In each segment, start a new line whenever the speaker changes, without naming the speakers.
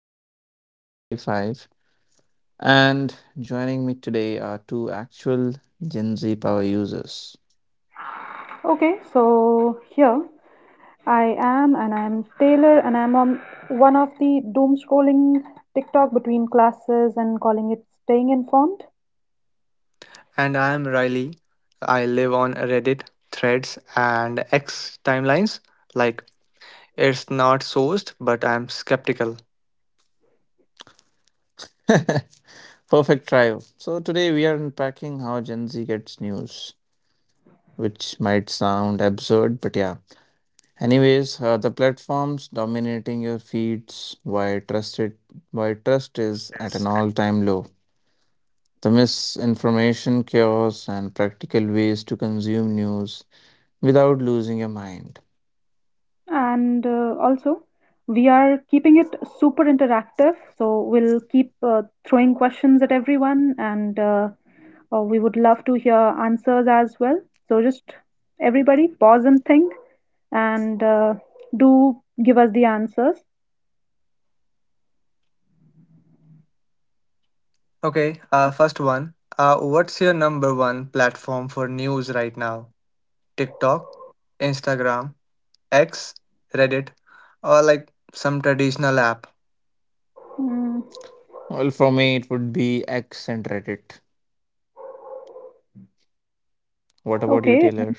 informed in 2025. And joining me today are two actual Gen Z power users.
Okay, so here I am, and I'm Taylor, and I'm on one of the doom scrolling TikTok between classes and calling it staying informed.
And I'm Riley. I live on Reddit, Threads, and X timelines. Like, it's not sourced, but I'm skeptical.
Perfect trio. So today we are unpacking how Gen Z gets news, which might sound absurd, but the platforms dominating your feeds, why trust is at an all-time low. The misinformation, chaos, and practical ways to consume news without losing your mind.
And also, we are keeping it super interactive, so we'll keep throwing questions at everyone, and we would love to hear answers as well. So just everybody pause and think, and do give us the answers.
Okay, first one. What's your number one platform for news right now? TikTok, Instagram, X, Reddit, or like some traditional app?
Mm,
Well, for me, it would be X and Reddit. What about you,
okay,
Taylor?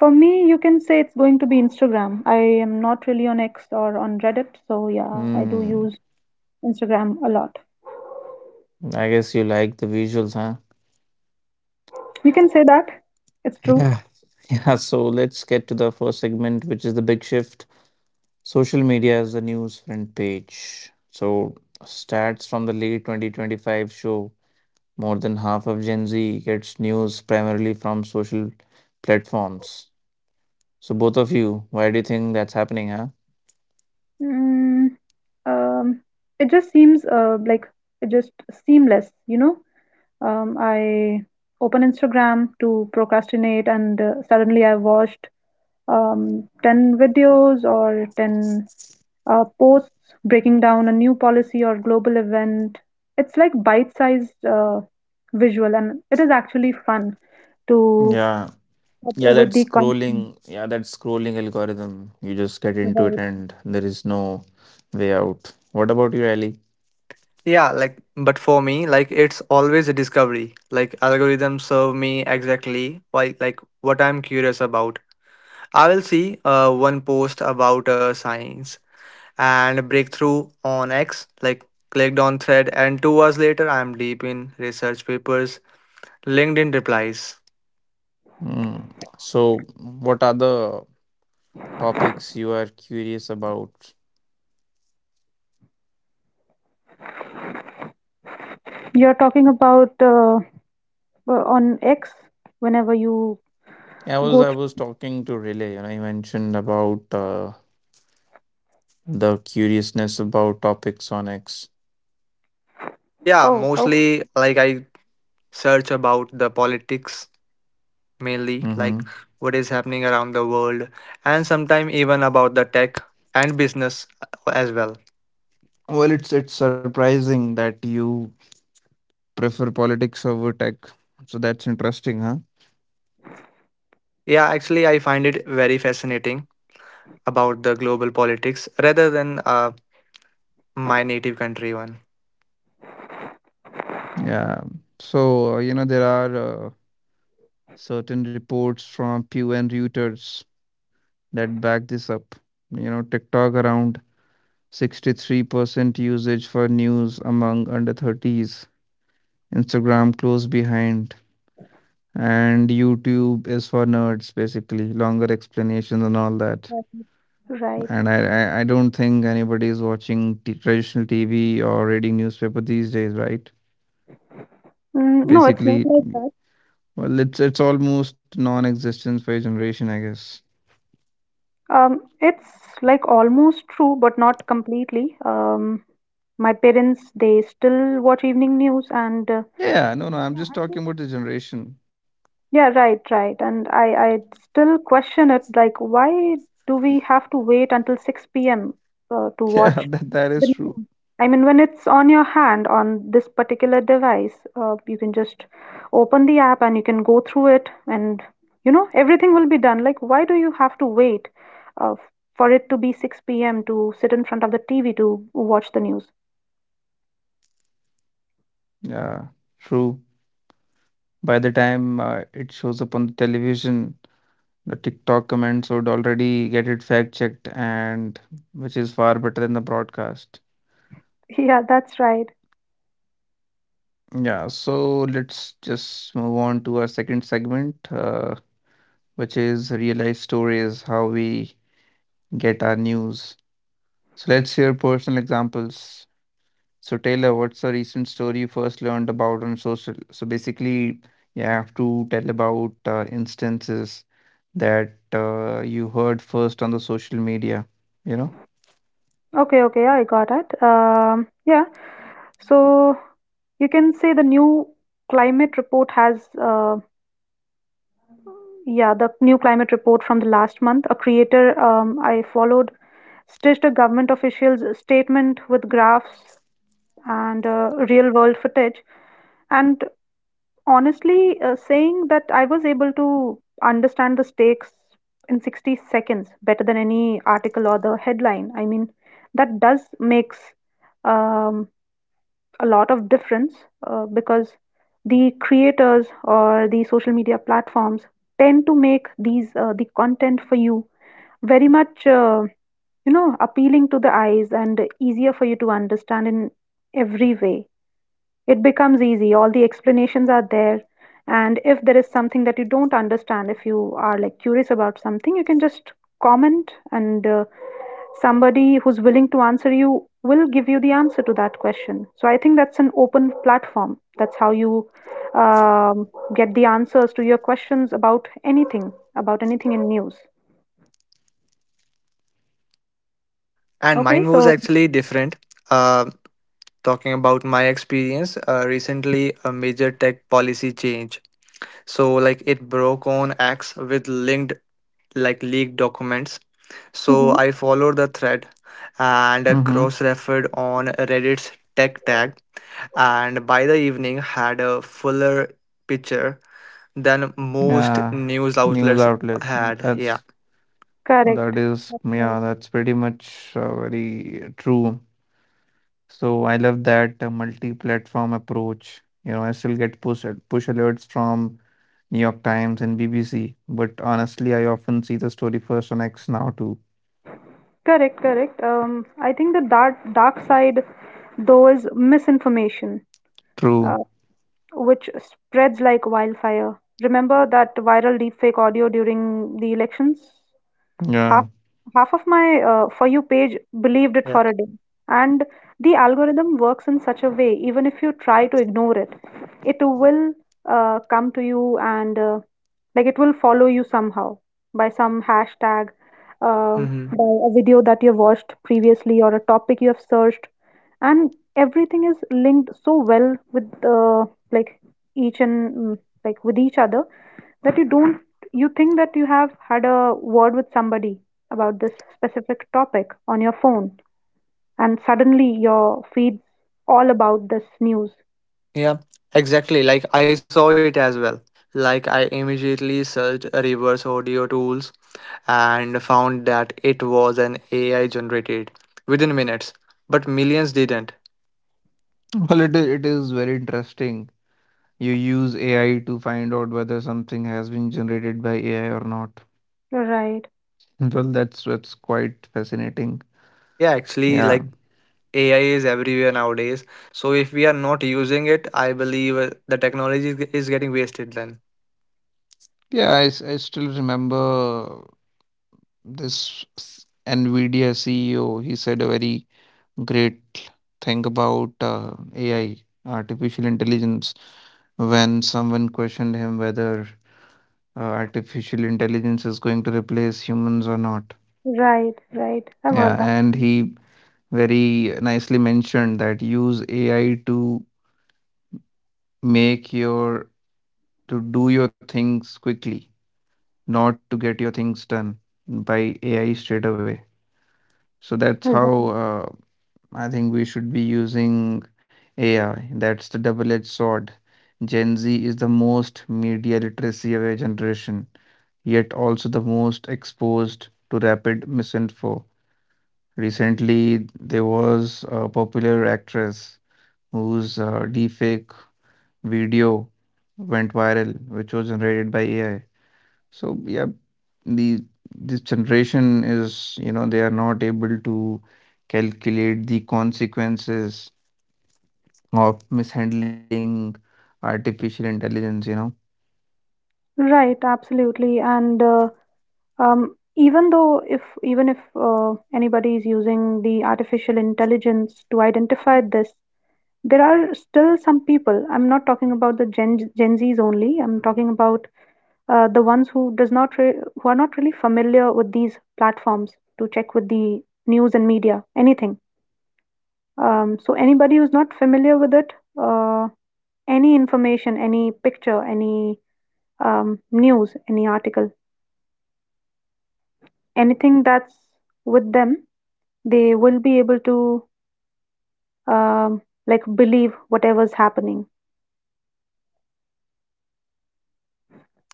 for me, you can say it's going to be Instagram. I am not really on X or on Reddit, so yeah, I do use
Hmm.
Instagram a lot.
I guess you like the visuals, huh?
You can say that. It's true.
Yeah. Yeah. So let's get to the first segment, which is the big shift. Social media is the news front page. So, stats from the late 2025 show more than half of Gen Z gets news primarily from social platforms. So, both of you, why do you think that's happening, huh?
Mm, um, it just seems, like, it just seamless. I open Instagram to procrastinate, and suddenly I watched 10 videos or 10 posts breaking down a new policy or global event. It's like bite-sized. Visual and it is actually fun to
Yeah.
up
Yeah, that
with the content.
scrolling, yeah, that scrolling algorithm. You just get into it
Right.
and there is no way out. What about you, Ali?
Yeah, like, but for me, like, it's always a discovery. Like, algorithms serve me exactly why, like, what I'm curious about. I will see one post about science and breakthrough on X, like clicked on thread, and 2 hours later, I'm deep in research papers, LinkedIn replies.
Mm. So, what are the topics you are curious about?
You're talking about on X whenever you
I was
go
I was
through.
talking to Relay, and I mentioned about the curiousness about topicsonics.
Yeah,
Oh,
mostly like I search about the politics, mainly
Mm-hmm.
like what is happening around the world, and sometimes even about the tech and business as well.
Well, it's surprising that you prefer politics over tech. So that's interesting, huh?
Yeah, actually, I find it very fascinating about the global politics rather than my native country one.
Yeah. So, you know, there are certain reports from Pew and Reuters that back this up. You know, TikTok around 63% usage for news among under 30s. Instagram close behind. And YouTube is for nerds, basically, longer explanations and all that.
okay. Right.
And I don't think anybody is watching t traditional TV or reading newspaper these days, right?
No, it's not
Basically,
like that.
well, it's almost non-existence for your generation, I guess.
It's like almost true but not completely. My parents, they still watch evening news, and, uh,
Yeah, no, no, I'm just talking about the generation.
yeah, right, right. And I still question it. Like, why do we have to wait until 6 p.m. To
Yeah,
watch
that is
the
true.
news? I mean, when it's on your hand on this particular device, you can just open the app and you can go through it, and everything will be done. Like, why do you have to wait uh, for it to be 6 p.m. to sit in front of the TV to watch the news?
Yeah,
Yeah,
true.
exactly. Like even
By
I
the
think so.
time
Like by
it shows
6
up
p.m.
on
the
the
TikTok
television,
comments have
the
already
TikTok
fact
comments would
checked.
already get it fact-checked, and which is far better than the broadcast.
Exactly,
Yeah,
exactly.
that's right.
Yeah, so let's just move on to our second segment, which is real life stories, how we get our news. So let's hear personal examples. So Taylor, what's a recent story you first learned about on social? So basically, you have to tell about instances that you heard first on the social media, you know?
Okay, okay, I got it. Yeah. So you can say climate report has, uh, yeah, the new climate report from the last month. A creator I followed stitched a government official's statement with graphs and real world footage. And honestly, saying that I was able to understand the stakes in 60 seconds better than any article or the headline. I mean, that does makes um, a lot of difference, because the creators or the social media platforms tend to make these the content for you very much, appealing to the eyes and easier for you to understand in every way. It becomes easy, all the explanations are there, and if there is something that you don't understand, if you are like curious about something, you can just comment, and somebody who's willing to answer you will give you the answer to that question. So I think that's an open platform. That's how you um, get the answers to your questions about anything in news.
And
Okay,
mine was
so.
actually different. Uh, Talking about my experience, recently a major tech policy change. So like it broke on X with linked like leaked documents. So
Mhm.
I followed the thread and
Mm-hmm.
cross-referred on Reddit's tech tag, and by the evening had a fuller picture than most
Yeah,
news
news
outlets
outlet.
had. Yeah,
That's
Correct.
that is,
Right.
yeah, that's pretty much very true. So I love that multi-platform approach. You know, I still get push alerts from New York Times and BBC, but honestly, I often see the story first on X now too.
Correct, correct. I think the dark side, though, is misinformation, uh,
True.
which spreads like wildfire. Remember that viral deepfake audio during the elections? half
Yeah.
half of my for you page believed it for
yeah,
a day, and the algorithm works in such a way, even if you try to ignore it, it will come to you, and like it will follow you somehow, by some hashtag, uh, by
hmm
a video that you've watched previously or a topic you have searched, and everything is linked so well with like each and mm, like with each other, that you don't you think that you have had a word with somebody about this specific topic on your phone, and suddenly your feed's all about this news.
yeah, exactly. Like I saw it as well. Like I immediately searched reverse audio tools and found that it was an AI generated within minutes, but millions didn't.
Well, it is very interesting. You use AI to find out whether something has been generated by AI or not.
Right,
Well, that's quite fascinating.
Yeah, actually,
Yeah.
like AI is everywhere nowadays. So if we are not using it, I believe the technology is getting wasted then.
I still remember this NVIDIA CEO. He said a very great thing about AI, artificial intelligence, when someone questioned him whether artificial intelligence is going to replace humans or not.
right, right. I've heard
Yeah,
that.
and he very nicely mentioned that use AI to make your to do your things quickly, not to get your things done by AI straight away. So that's how
Mhm.
I think we should be using AI. That's the double-edged sword. Gen Z is the most media literacy aware generation, yet also the most exposed to rapid misinfo. Recently, there was a popular actress whose deepfake video went viral, which was generated by AI. So yeah, the this generation is, you know, they are not able to calculate the consequences of mishandling artificial intelligence, you know.
Right, absolutely. And even if anybody is using the artificial intelligence to identify this, there are still some people. I'm not talking about the Gen Zs only. I'm talking about the ones who does not re- who are not really familiar with these platforms to check with the news and media anything. So anybody who's not familiar with it, uh, any information, any picture, any news, any article, anything that's with them, they will be able to, um, like, believe whatever's happening.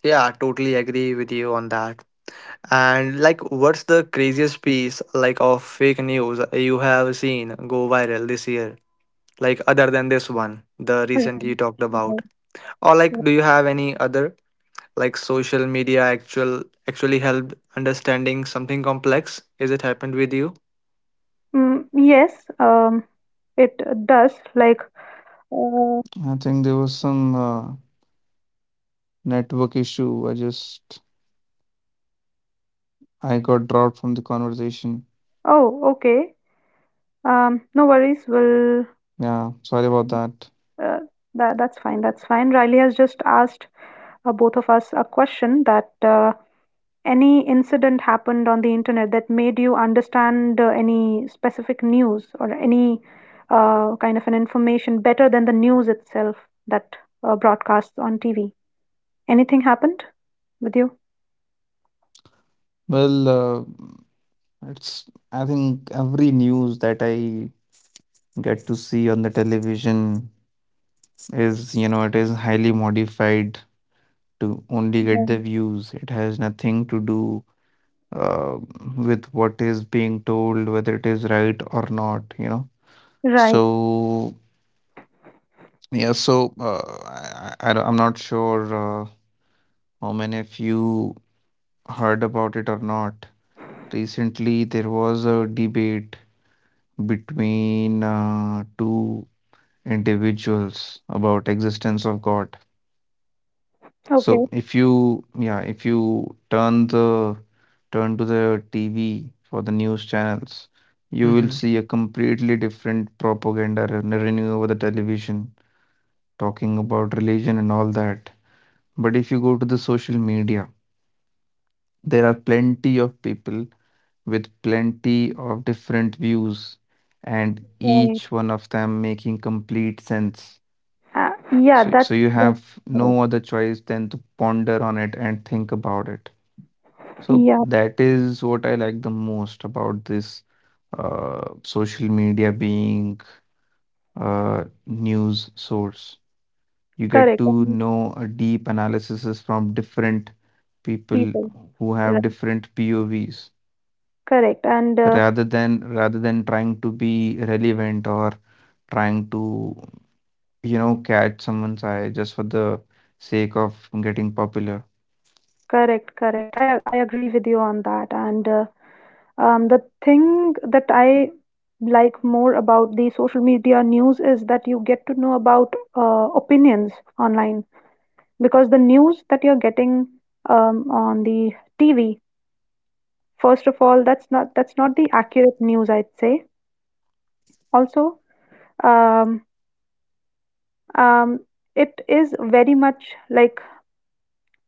Yeah, totally agree with you on that. And like, what's the craziest piece like of fake news you have seen go viral this year? Like other than this one, the
Right,
recent you talked about,
right,
or like,
right.
do you have any other like social media actually helped understanding something complex? Is it happened with you?
Yes, um, it does like,
I think there
uh,
was some network issue. I just I got dropped from the conversation.
oh, okay. No worries. We'll
Yeah, sorry about that.
uh, that's fine. That's fine. Riley has just asked both of us a question that, any incident happened on the internet that made you understand any specific news or any kind of an information better than the news itself that broadcasts on TV. Anything happened with you?
Well, it's I think every news that I get to see on the television is, it is highly modified to only get the
Right.
views. It has nothing to do uh, with what is being told, whether it is right or not,
Right.
So Yeah, so uh, I'm not sure uh, how many of you heard about it or not. Recently, there was a debate between two individuals about existence of God. So
Okay.
if you, yeah, if you turn the turn to the TV for the news channels, you will
Hmm.
see a completely different propaganda running over the television talking about religion and all that. But if you go to the social media, there are plenty of people with plenty of different views, and
Right.
each one of them making complete sense.
Uh, yeah.
So
That
you
that's
have
correct.
no other choice than to ponder on it and think about it. So
Yeah.
that is what I like the most about this social media being a news source. You get
Correct.
to
And
know a deep analysis from different people
people.
who
Right.
have different povs
Correct. And
rather than trying to be relevant or trying to, you know, catch someone's eye just for the sake of getting popular.
correct, correct. I agree with you on that. And the thing that I like more about the social media news is that you get to know about, opinions online, because the news that you're getting, on the TV, first of all, that's not the accurate news, I'd say. Also, um, um, it is very much like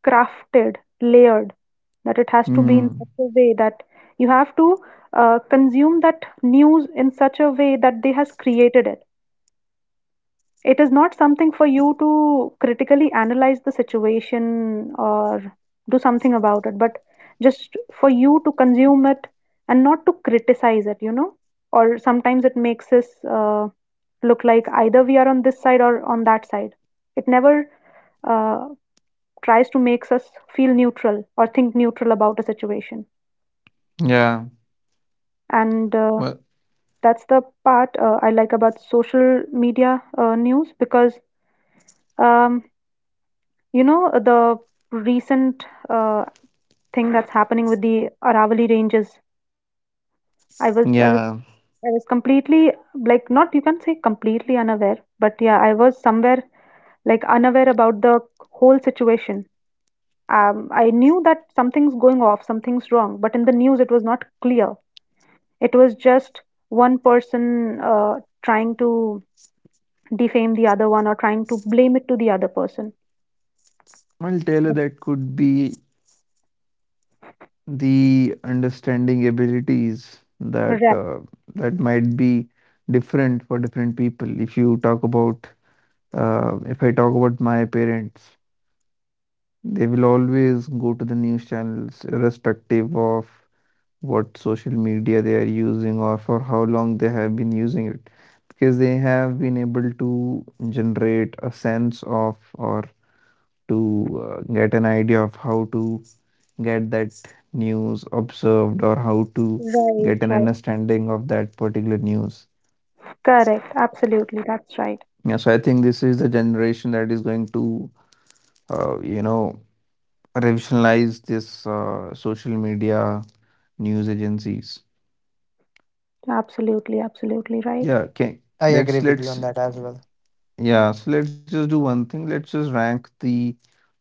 crafted, layered, that it has to be in such
mm,
a way that you have to consume that news in such a way that they has created it, it is not something for you to critically analyze the situation or do something about it, but just for you to consume it and not to criticize it, or sometimes it makes us uh, look like either we are on this side or on that side, it never uh, tries to makes us feel neutral or think neutral about a situation,
yeah,
and
well
that's the part I like about social media news, because, um, the recent thing that's happening with the Aravalli Ranges. I was I was
yeah,
I was completely, like not, you can say, completely unaware, but yeah, I was somewhere like unaware about the whole situation. I knew that something's going off, something's wrong, but in the news it was not clear. It was just one person trying to defame the other one or trying to blame it to the other person.
well taylor, that could be the understanding abilities that
Right,
uh, that might be different for different people. If you talk about If I talk about my parents, they will always go to the news channels, irrespective of what social media they are using or for how long they have been using it, because they have been able to generate a sense of, or to get an idea of how to get that news observed, or how to
right,
get an
right.
understanding of that particular news.
Correct. Absolutely. That's right.
Yeah, so I think this is the generation that is going to, uh, you know, revolutionize this social media news agencies.
Absolutely, absolutely right.
Yeah, can
I agree with you on
let's
that as well.
yeah, so let's just do one thing. Let's just rank the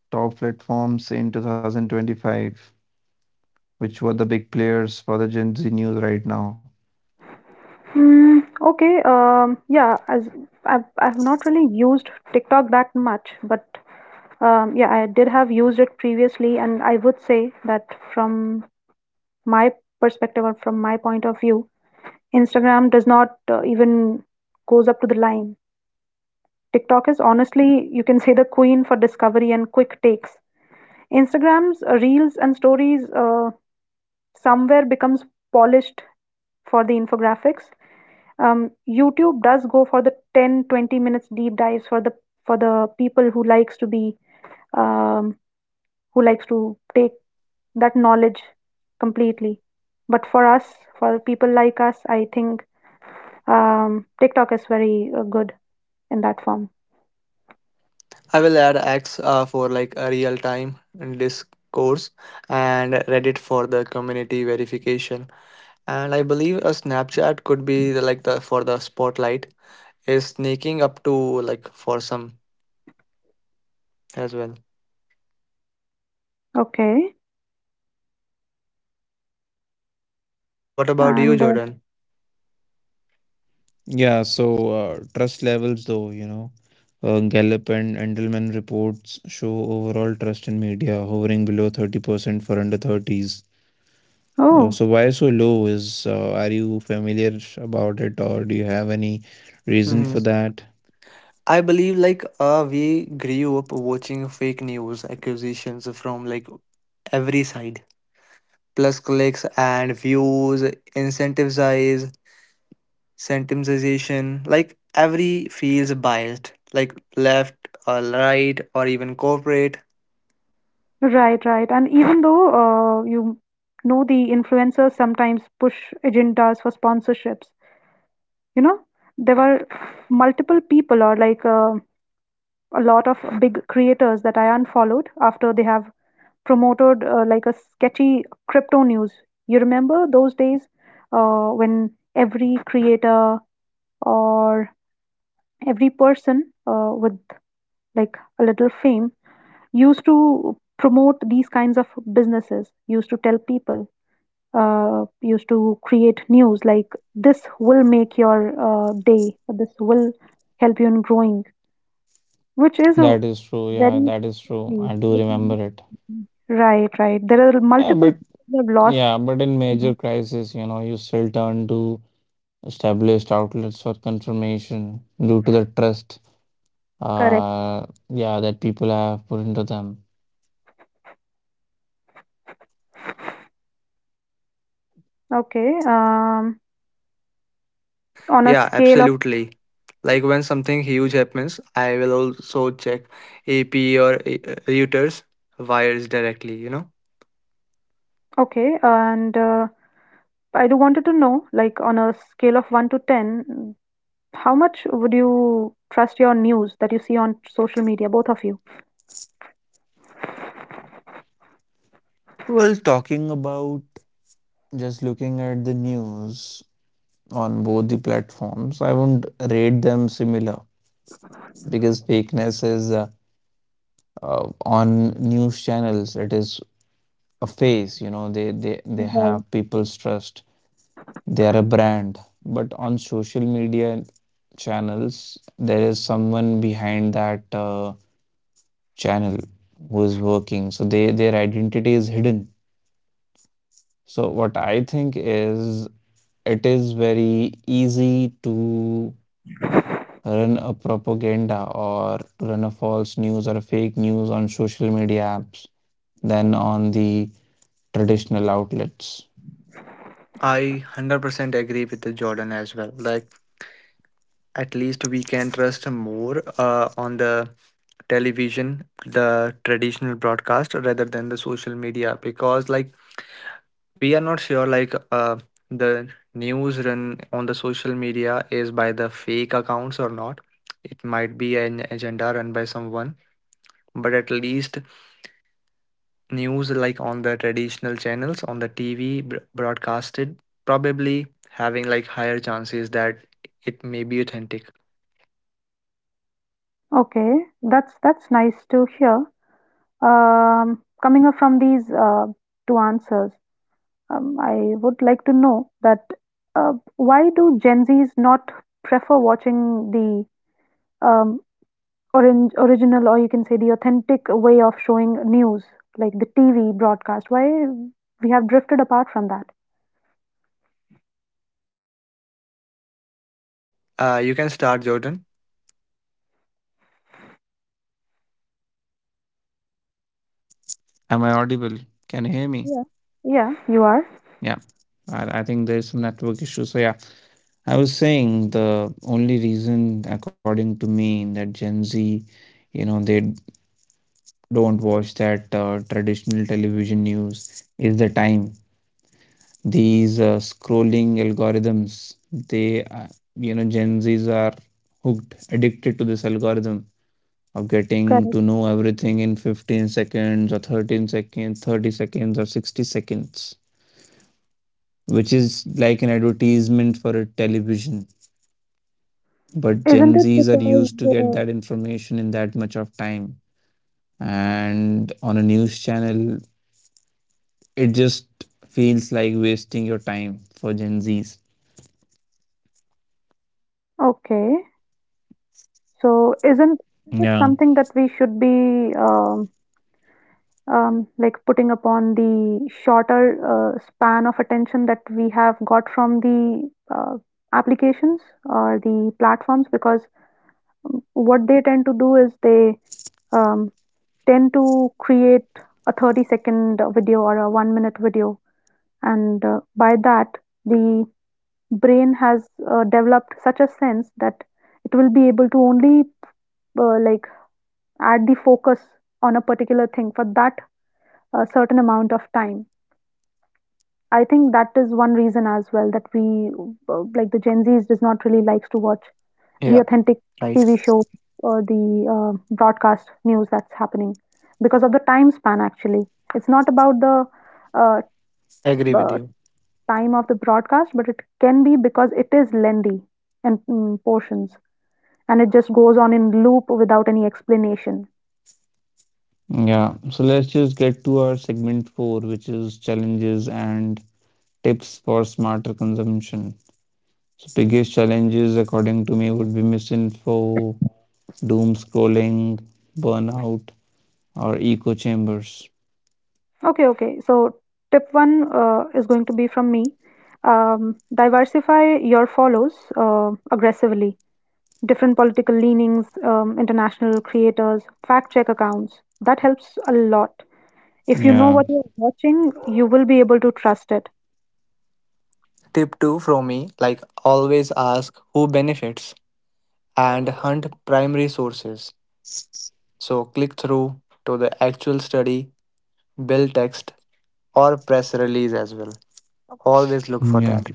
top platforms in 2025, which were the big players for the Gen Z news right now.
Mm, okay. Yeah, as I've not really used TikTok that much, but yeah, I did have used it previously, and I would say that from my perspective or from my point of view, Instagram does not even goes up to the line. TikTok is, honestly, you can say, the queen for discovery and quick takes. Instagram's Reels and Stories somewhere becomes polished for the infographics. YouTube does go for the 10 20 minutes deep dives for the people who likes to be, um, who likes to take that knowledge completely. But for us, for people like us, I think TikTok is very good in that form.
I will add X for like a real time discourse and Reddit for the community verification. And I believe a Snapchat could be the, like the for the spotlight is sneaking up to like for some as well.
Okay,
What about you,
and
Jordan?
Yeah, so trust levels, though, you know, Gallup and Endelman reports show overall trust in media hovering below 30% for under 30s.
oh.
So why so low is, are you familiar about it, or do you have any reason
hmm
for that?
I believe like we grew up watching fake news accusations from like every side. Plus clicks and views, incentivize sentimization like every feels biased like left or right or even corporate.
Right, right. And even though, you know, the influencers sometimes push agendas for sponsorships, you know, there were multiple people or, like, a lot of big creators that I unfollowed after they have promoted, like, a sketchy crypto news. You remember those days, when every creator or every person, with like a little fame, used to promote these kinds of businesses, used to tell people, used to create news like, this will make your day, or this will help you in growing, which is a
That is true. Yeah,
very
that is true. I do
which is
remember
very
it.
key. Right, right, there are
Yeah,
multiple
but
people who have lost.
yeah, but in
Mhm.
major crisis, you know, you still turn to established outlets for confirmation due to the trust,
Correct.
yeah, that people have put into them.
Okay. um on a
Yeah,
scale of
absolutely. Like when something huge happens, I will also check AP or Reuters wires directly, you know.
Okay, and I do wanted to know, like, on a scale of 1 to 10, how much would you trust your news that you see on social media, both of you?
Well, talking about just looking at the news on both the platforms, I won't rate them similar because fakeness is on news channels. It is a face, you know. They
Right.
have people's trust, they are a brand, but on social media channels there is someone behind that channel who is working, so they their identity is hidden. So what I think is it is very easy to run a propaganda, or to run a false news or a fake news on social media apps than on the traditional outlets.
I 100% agree with the Jordan as well. Like at least we can trust more on the television, the traditional broadcast rather than the social media, because like we are not sure like the news run on the social media is by the fake accounts or not. It might be an agenda run by someone, but at least news like on the traditional channels on the TV broadcasted probably having like higher chances that it may be authentic.
Okay, that's nice to hear.
Yeah
Coming up from
that's pretty
these
much true.
two answers,
so yeah
I would
so
like to
let's
know that, why do
Mhm.
Gen Zs not prefer watching the, um, original, or you can say the authentic way of showing news, like the TV broadcast? Why
The
we have drifted
only,
apart from
yeah,
that?
the only reason, yeah, the only reason I think for that is the
You can start,
time.
Jordan.
Can you hear me? Am I audible? Am I audible? Can you hear me?
Yeah. Yeah, you are
Yeah. I think there's some network issue. So, yeah, I was saying the only reason, according to me, that Gen Z, you know, they don't watch that traditional television news is the time. These scrolling algorithms, you know, Gen Zs are hooked, addicted to this algorithm of getting
correct.
to know everything in 15 seconds or 13 seconds, 30 seconds or 60 seconds, which is like an advertisement for a television. But
Isn't
Gen
it?
Zs are used to get
Because
that information in that much of time. And on a news channel, it just feels like wasting your time for Gen Zs.
okay, so
Yeah.
isn't it something that we should be, like, putting upon the shorter span of attention that we have got from the uh, applications or the platforms, because what they tend to do is they um, tend to create a 30-second video or a 1 minute video, and by that the brain has developed such a sense that it will be able to only, like, add the focus on a particular thing for that certain amount of time. I think that is one reason as well that we, like, the Gen Zs does not really likes to watch the
Yeah,
authentic
right.
TV show or the broadcast news that's happening, because of the time span actually. It's not about the uh,
Agree with
uh,
you.
time of the broadcast, but it can be because it is lengthy in portions, and it just goes on in loop without any explanation.
Yeah, so let's just get to our segment four, which is challenges and tips for smarter consumption. So, biggest challenges, according to me, would be misinfo, doom scrolling, burnout, or echo chambers.
Okay, okay. So tip one is going to be from me. Diversify your follows, aggressively. Different political leanings, international creators, fact check accounts. That helps a lot. If you know
Yeah,
what you're watching, you will be able to trust it.
Tip 2 from me, like always ask who benefits and hunt primary sources. So click through to the actual study, bill text, or press release as well. Always look for
yeah,
that.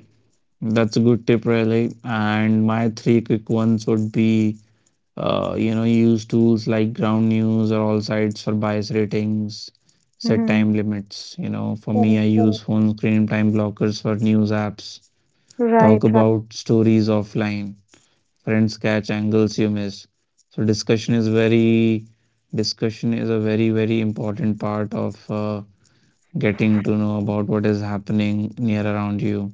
that's a good tip, really. And my three quick ones would be use tools like ground news or all sites for bias ratings, set
Hmm.
time limits. You know, for me, I
Correct,
use
correct.
phone screen time blockers for news apps,
Right,
talk
right.
about stories offline, friends catch angles you miss. So discussion is a very, very important part of getting to know about what is happening near around you.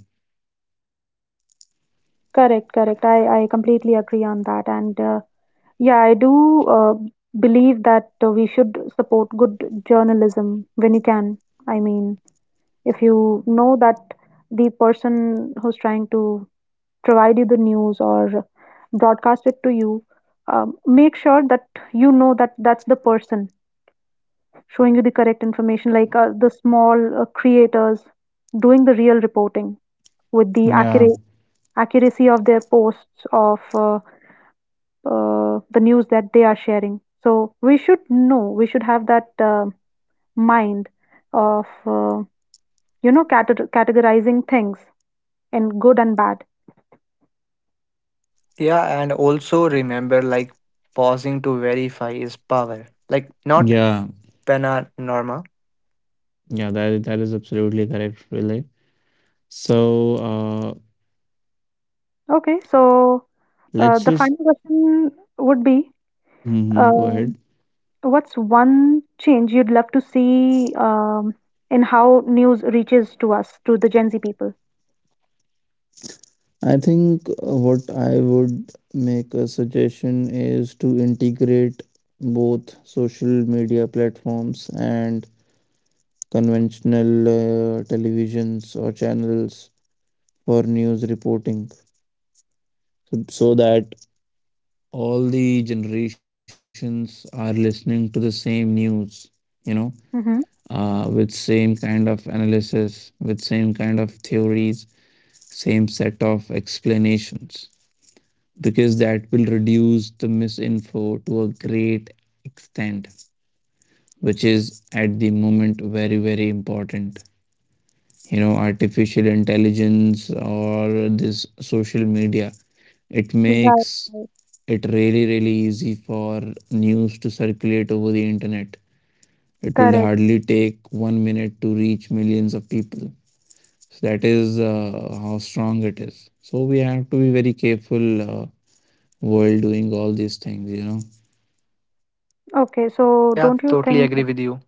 Correct, correct. I completely agree on that. And yeah, I do uh, believe that we should support good journalism when you can. I mean, if you know that the person who's trying to provide you the news or broadcast it to you, make sure that you know that that's the person showing you the correct information, like the small creators doing the real reporting, with the
Yeah,
accurate accuracy of their posts, of the news that they are sharing. So we should know, we should have that mind of, categorizing things in good and bad.
Yeah, and also remember like pausing to verify is power. Like not
yeah,
pena norma.
yeah, that is absolutely correct, really. So,
Okay, so,
let's
the
just
final question would be,
Mhm. Go ahead.
um, what's one change you'd love to see, in how news reaches to us, to the Gen Z people?
I think what I would make a suggestion is to integrate both social media platforms and conventional televisions or channels for news reporting, so that all the generations are listening to the same news, you know,
Mm-hmm.
with same kind of analysis, with same kind of theories, same set of explanations, because that will reduce the misinfo to a great extent, which is at the moment very, very important. You know, artificial intelligence or this social media, it
Right,
makes
right.
it really, really easy for news to circulate over the internet. It will
Correct.
hardly take 1 minute to reach millions of people. So that is how strong it is. So we have to be very careful while doing all these things, you know.
Okay, so
Yeah,
don't you
totally
think that,
agree with you.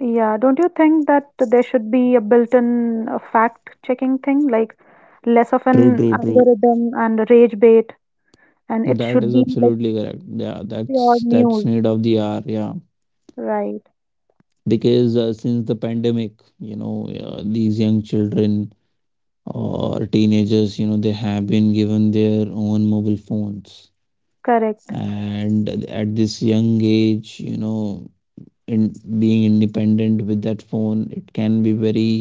yeah, don't you think that there should be a built-in, fact-checking thing, like less of
True, true,
an
true.
algorithm and rage bait, and it
That is
should be like
absolutely correct. Yeah,
pure
that's
news,
need of the hour. Yeah,
right?
because since the pandemic, you know, these young children or teenagers, you know, they have been given their own mobile phones,
Correct.
and at this young age, you know, in being independent with that phone, it can be very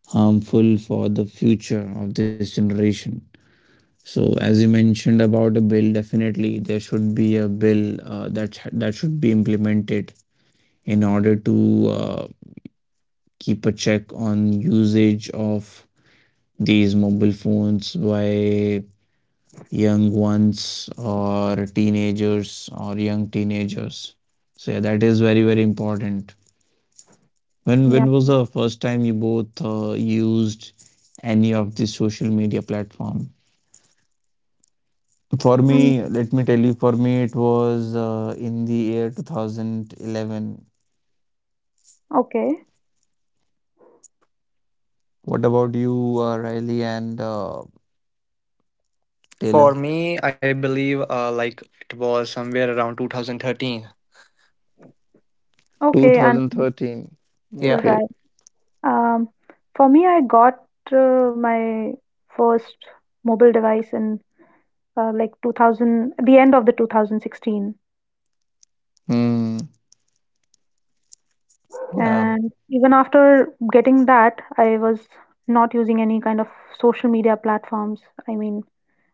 harmful for the future of this generation. So, as you mentioned about a bill, definitely there should be a bill that that should be implemented in order to uh, keep a check on usage of these mobile phones by young ones or teenagers or young teenagers. So yeah, that is very, very important. When
Yeah.
was the first time you both used any of the social media platform? For me,
Mm,
let me tell you, for me, it was in the year 2011.
okay.
What about you, Riley and Taylor?
For me, I believe like it was somewhere around 2013.
Okay, and
2013.
Yeah,
Okay.
right. Um, for me, I got my first mobile device in, like, the end of the 2016.
Hmm. Yeah.
And even after getting that, I was not using any kind of social media platforms. I mean,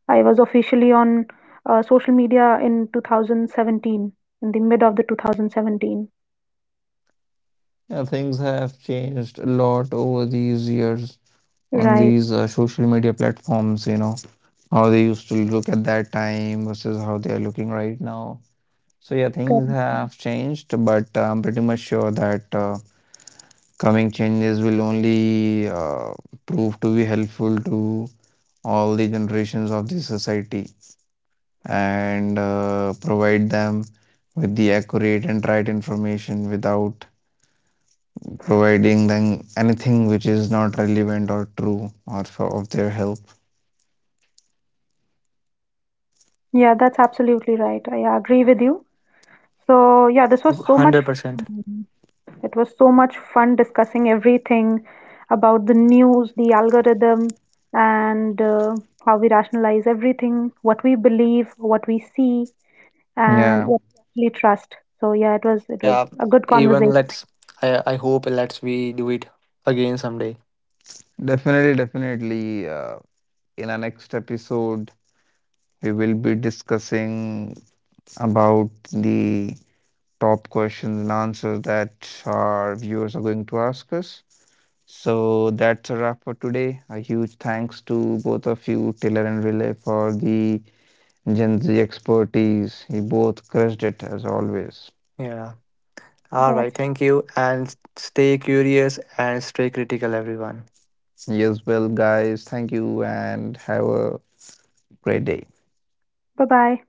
I was officially on social media in 2017, in the mid of the 2017.
Yeah, things have changed a lot over these years on
Right.
these social media platforms, you know, how they used to look at that time versus how they are looking right now. So, yeah, things
Correct.
have changed, but I'm pretty much sure that coming changes will only prove to be helpful to all the generations of the society, and provide them with the accurate and right information without providing them anything which is not relevant or true, or for, of their help.
Yeah, that's absolutely right. I agree with you. So, yeah, this was so much
100%.
fun. It was so much fun discussing everything about the news, the algorithm, and how we rationalize everything, what we believe, what we see, and
Yeah,
what we actually trust. So, yeah, it was
Yeah,
a good
even
conversation.
let's I hope let's we do it again someday.
definitely, definitely. In our next episode, we will be discussing about the top questions and answers that our viewers are going to ask us. So that's a wrap for today. A huge thanks to both of you, Taylor and Relay, for the Gen Z expertise. You both crushed it as always.
Yeah. All right,
That's
thank you, and stay curious and stay critical, everyone.
Yes, well, guys, thank you and have a great day.
bye bye.